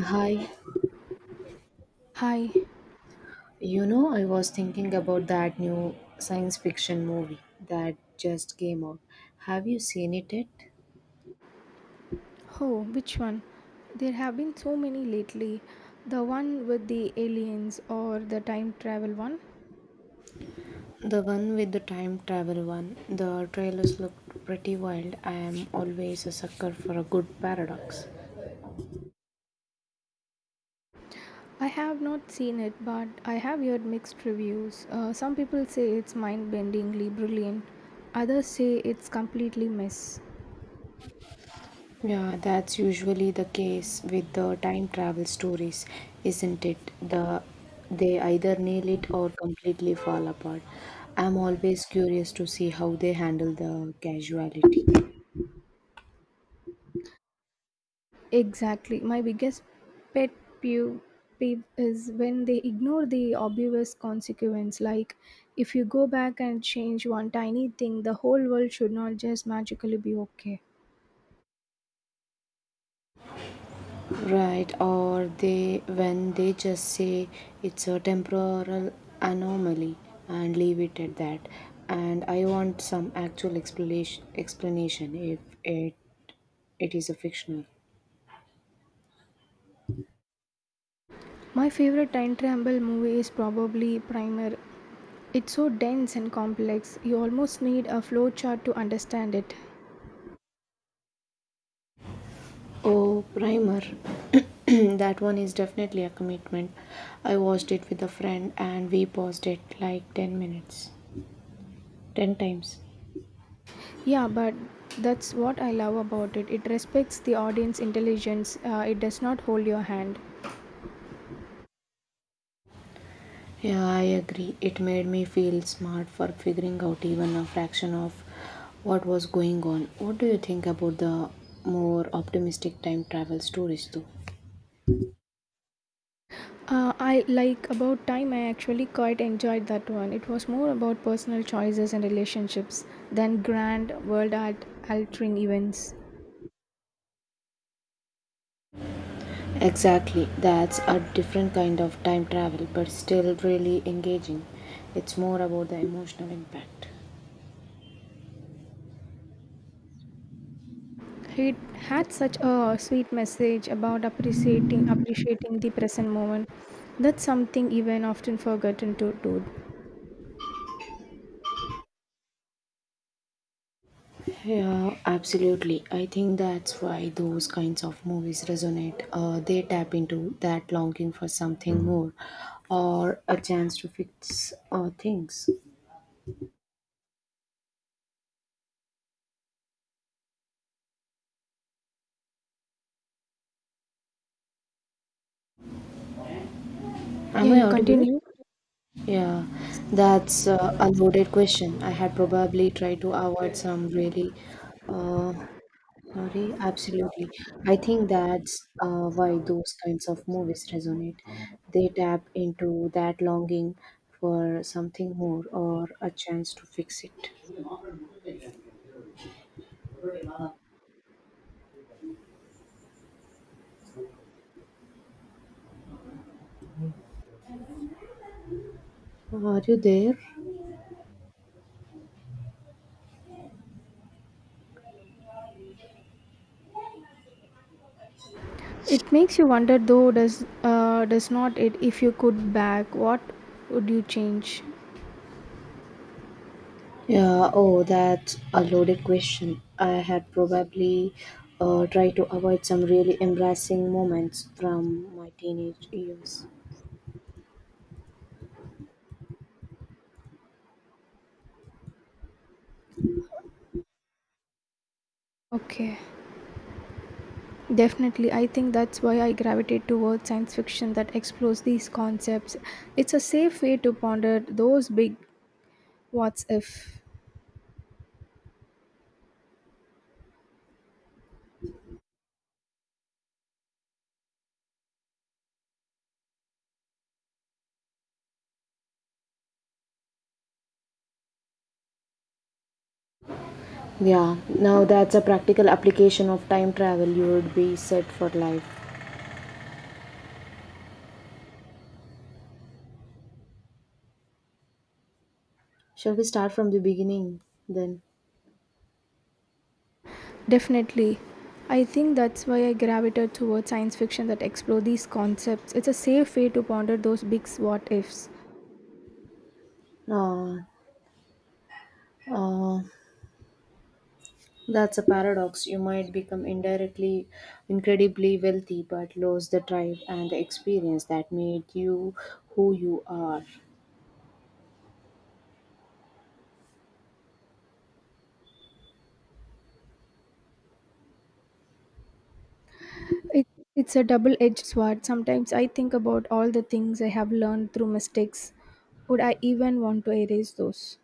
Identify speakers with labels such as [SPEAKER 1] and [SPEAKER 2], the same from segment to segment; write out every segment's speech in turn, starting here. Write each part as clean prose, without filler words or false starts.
[SPEAKER 1] Hi,
[SPEAKER 2] Hi.
[SPEAKER 1] I was thinking about that new science fiction movie that just came out. Have you seen it yet?
[SPEAKER 2] Oh, which one? There have been so many lately. The one with the aliens or the time travel one?
[SPEAKER 1] The one with the time travel one. The trailers look pretty wild. I am always a sucker for a good paradox.
[SPEAKER 2] I have not seen it, but I have heard mixed reviews. Some people say it's mind bendingly brilliant, others say it's completely mess.
[SPEAKER 1] Yeah, that's usually the case with the time travel stories, isn't it? They either nail it or completely fall apart. I'm always curious to see how they handle the casuality.
[SPEAKER 2] Exactly. My biggest pet peeve peeve is when they ignore the obvious consequence, like if you go back and change one tiny thing, the whole world should not just magically be okay.
[SPEAKER 1] Right, or they when they just say it's a temporal anomaly and leave it at that, and I want some actual explanation if it is a fictional.
[SPEAKER 2] My favorite time travel movie is probably Primer. It's so dense and complex, you almost need a flowchart to understand it.
[SPEAKER 1] Oh, Primer. That one is definitely a commitment. I watched it with a friend and we paused it like 10 minutes 10 times.
[SPEAKER 2] Yeah, but that's what I love about it. It respects the audience intelligence, it does not hold your hand.
[SPEAKER 1] Yeah, I agree. It made me feel smart for figuring out even a fraction of what was going on. What do you think about the more optimistic time travel stories, though?
[SPEAKER 2] I like about time, I actually quite enjoyed that one. It was more about personal choices and relationships than grand world art altering events.
[SPEAKER 1] Exactly. That's a different kind of time travel, but still really engaging. It's more about the emotional impact.
[SPEAKER 2] He had such a sweet message about appreciating the present moment. That's something even often forgotten to do.
[SPEAKER 1] Yeah, absolutely. I think that's why those kinds of movies resonate. They tap into that longing for something more or a chance to fix things. Am
[SPEAKER 2] Yeah,
[SPEAKER 1] I
[SPEAKER 2] you
[SPEAKER 1] audible?
[SPEAKER 2] continue.
[SPEAKER 1] Yeah, that's a loaded question. I had probably tried to avoid some really, uh, sorry, absolutely. I think that's why those kinds of movies resonate. They tap into that longing for something more or a chance to fix it. Are you there?
[SPEAKER 2] It makes you wonder though, does not it, if you could back what would you change?
[SPEAKER 1] Yeah, oh, that's a loaded question. I had probably tried to avoid some really embarrassing moments from my teenage years.
[SPEAKER 2] Okay. Definitely. I think that's why I gravitate towards science fiction that explores these concepts. It's a safe way to ponder those big what's if.
[SPEAKER 1] Yeah, now that's a practical application of time travel. You would be set for life. Shall we start from the beginning then?
[SPEAKER 2] Definitely. I think that's why I gravitate towards science fiction that explore these concepts. It's a safe way to ponder those big what ifs.
[SPEAKER 1] Uh, uh, that's a paradox. You might become indirectly incredibly wealthy but lose the drive and the experience that made you who you are.
[SPEAKER 2] It, it's a double edged sword. Sometimes I think about all the things I have learned through mistakes. Would I even want to erase those?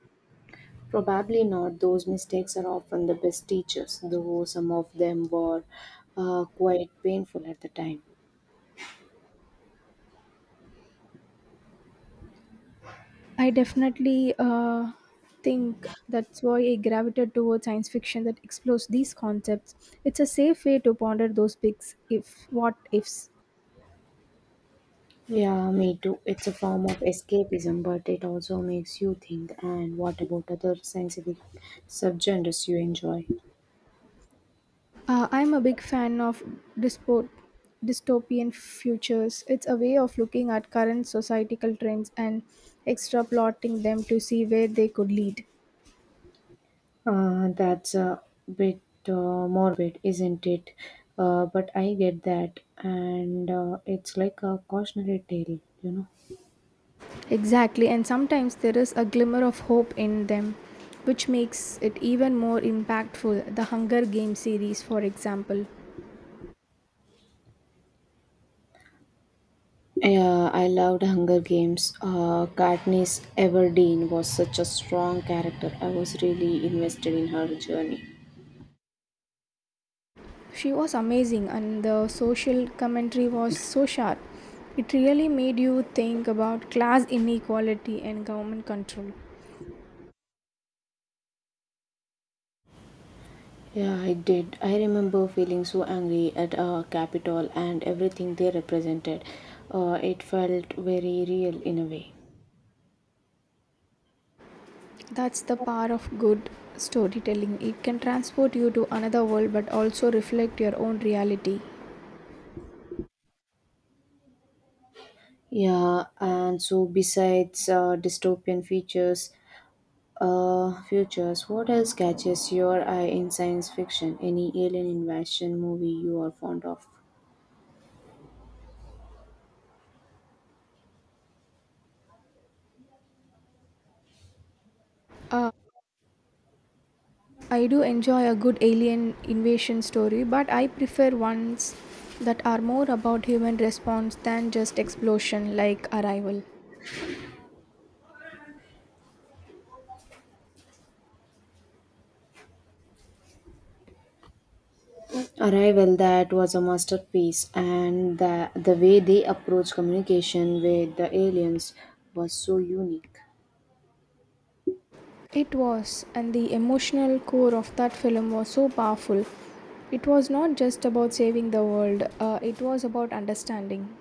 [SPEAKER 1] Probably not. Those mistakes are often the best teachers, though some of them were quite painful at the time.
[SPEAKER 2] I definitely think that's why I gravitate towards science fiction that explores these concepts. It's a safe way to ponder those big if what ifs.
[SPEAKER 1] Yeah, me too. It's a form of escapism, but it also makes you think. And what about other scientific subgenres you enjoy?
[SPEAKER 2] I'm a big fan of dyspo- dystopian futures. It's a way of looking at current societal trends and extrapolating them to see where they could lead.
[SPEAKER 1] That's a bit morbid, isn't it? But I get that, and it's like a cautionary tale, you know.
[SPEAKER 2] Exactly, and sometimes there is a glimmer of hope in them, which makes it even more impactful. The Hunger Games series, for example.
[SPEAKER 1] Yeah, I loved Hunger Games. Katniss Everdeen was such a strong character. I was really invested in her journey.
[SPEAKER 2] She was amazing, and the social commentary was so sharp. It really made you think about class inequality and government control.
[SPEAKER 1] Yeah, I did. I remember feeling so angry at Capitol and everything they represented. It felt very real in a way.
[SPEAKER 2] That's the power of good storytelling. It can transport you to another world but also reflect your own reality.
[SPEAKER 1] Yeah, and so besides futures, what else catches your eye in science fiction? Any alien invasion movie you are fond of?
[SPEAKER 2] Uh, I do enjoy a good alien invasion story, but I prefer ones that are more about human response than just explosion like Arrival.
[SPEAKER 1] Arrival, that was a masterpiece, and the way they approached communication with the aliens was so unique.
[SPEAKER 2] It was, and the emotional core of that film was so powerful. It was not just about saving the world, it was about understanding.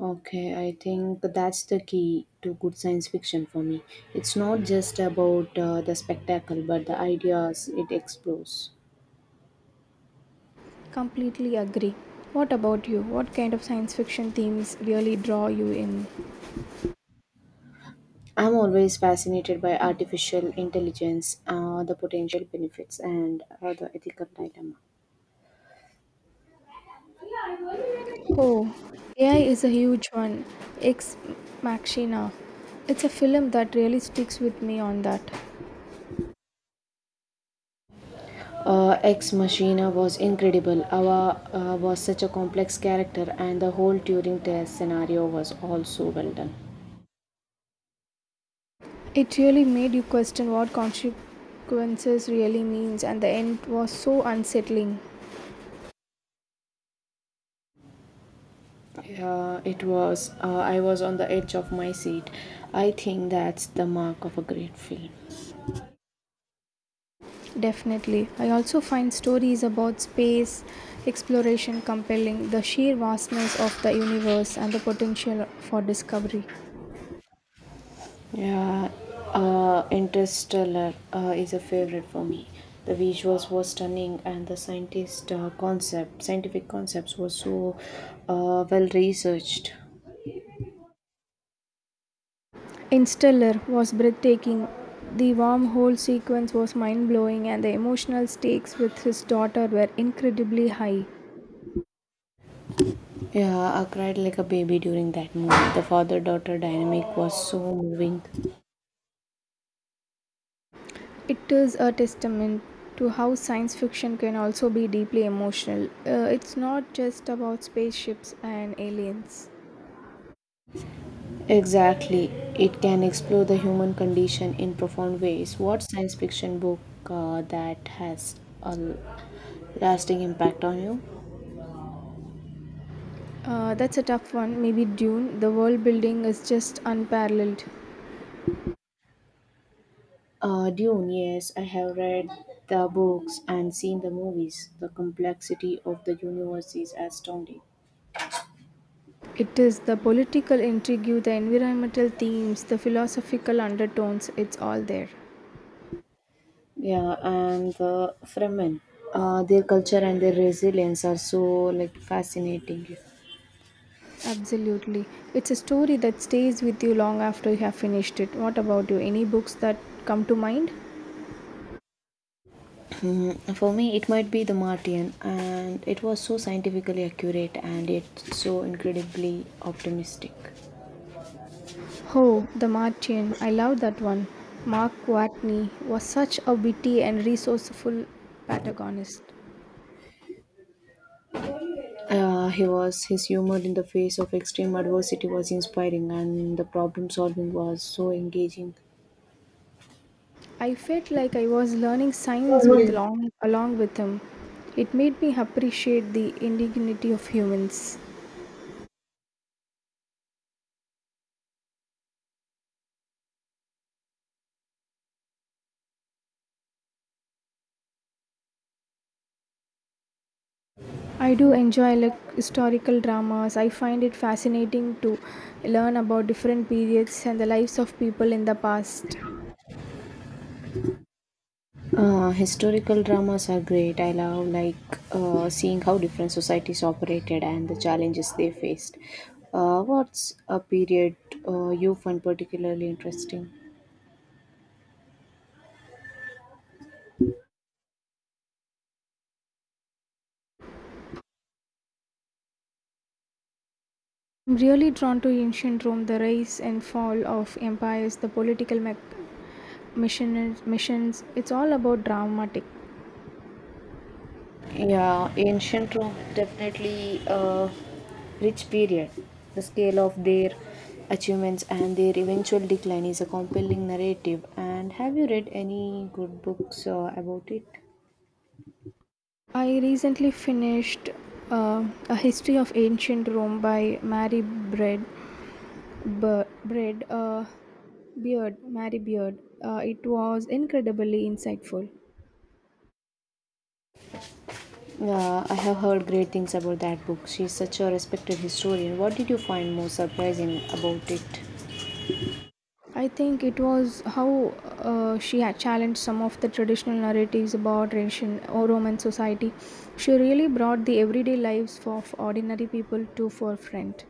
[SPEAKER 1] Okay, I think that's the key to good science fiction for me. It's not just about the spectacle, but the ideas it explores.
[SPEAKER 2] Completely agree. What about you? What kind of science fiction themes really draw you in?
[SPEAKER 1] I'm always fascinated by artificial intelligence, the potential benefits, and the ethical dilemma.
[SPEAKER 2] Oh, AI is a huge one. Ex Machina. It's a film that really sticks with me on that.
[SPEAKER 1] Ex Machina was incredible. Ava was such a complex character, and the whole Turing test scenario was also well done.
[SPEAKER 2] It really made you question what consequences really means, and the end was so unsettling.
[SPEAKER 1] It was. I was on the edge of my seat. I think that's the mark of a great film.
[SPEAKER 2] Definitely. I also find stories about space exploration compelling, the sheer vastness of the universe and the potential for discovery.
[SPEAKER 1] Yeah, Interstellar is a favorite for me. The visuals were stunning, and the scientific concepts were so well researched.
[SPEAKER 2] In was breathtaking. The wormhole sequence was mind blowing, and the emotional stakes with his daughter were incredibly high.
[SPEAKER 1] Yeah, I cried like a baby during that movie. The father daughter dynamic was so moving.
[SPEAKER 2] It is a testament to how science fiction can also be deeply emotional. It's not just about spaceships and aliens.
[SPEAKER 1] Exactly. It can explore the human condition in profound ways. What science fiction book that has a lasting impact on you?
[SPEAKER 2] That's a tough one. Maybe Dune. The world building is just unparalleled.
[SPEAKER 1] Dune, yes, I have read the books and seen the movies. The complexity of the universe is astounding.
[SPEAKER 2] It is the political intrigue, the environmental themes, the philosophical undertones, it's all there.
[SPEAKER 1] Yeah, and the Fremen, their culture and their resilience are so like fascinating.
[SPEAKER 2] Absolutely. It's a story that stays with you long after you have finished it. What about you? Any books that come to mind?
[SPEAKER 1] Mm, for me, it might be the Martian, and it was so scientifically accurate and yet so incredibly optimistic.
[SPEAKER 2] Oh, The Martian. I love that one. Mark Watney was such a witty and resourceful protagonist.
[SPEAKER 1] He was, his humor in the face of extreme adversity was inspiring, and the problem solving was so engaging.
[SPEAKER 2] I felt like I was learning science with long, along with him. It made me appreciate the indignity of humans. I do enjoy like historical dramas. I find it fascinating to learn about different periods and the lives of people in the past.
[SPEAKER 1] Historical dramas are great. I love like seeing how different societies operated and the challenges they faced. What's a period you find particularly interesting?
[SPEAKER 2] I'm really drawn to ancient Rome, the rise and fall of empires, the political missions, missions. It's all about dramatic.
[SPEAKER 1] Yeah, ancient Rome, definitely a rich period. The scale of their achievements and their eventual decline is a compelling narrative. And have you read any good books about it?
[SPEAKER 2] I recently finished A History of Ancient Rome by Mary Bread. Ber- Bread uh, Beard, Mary Beard. It was incredibly insightful.
[SPEAKER 1] Yeah, I have heard great things about that book. She's such a respected historian. What did you find most surprising about it?
[SPEAKER 2] I think it was how she had challenged some of the traditional narratives about Russian or Roman society. She really brought the everyday lives of ordinary people to forefront.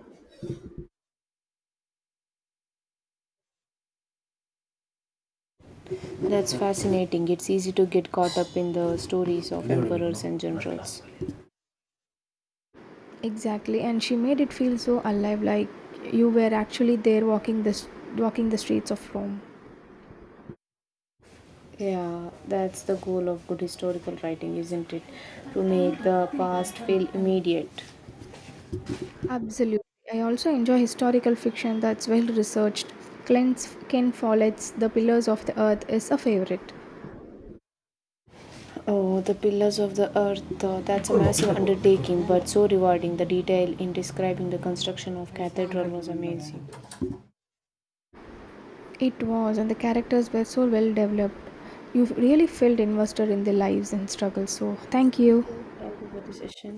[SPEAKER 1] That's fascinating. It's easy to get caught up in the stories of emperors and generals.
[SPEAKER 2] Exactly, and she made it feel so alive, like you were actually there walking the streets of Rome.
[SPEAKER 1] Yeah, that's the goal of good historical writing, isn't it? To make the past feel immediate.
[SPEAKER 2] Absolutely. I also enjoy historical fiction that's well researched. Ken Follett's The Pillars of the Earth is a favorite.
[SPEAKER 1] Oh, the Pillars of the Earth, that's a massive undertaking, but so rewarding. The detail in describing the construction of cathedral was amazing.
[SPEAKER 2] It was, and the characters were so well developed. You really felt invested in their lives and struggles. So, thank you.
[SPEAKER 1] Thank you for the session.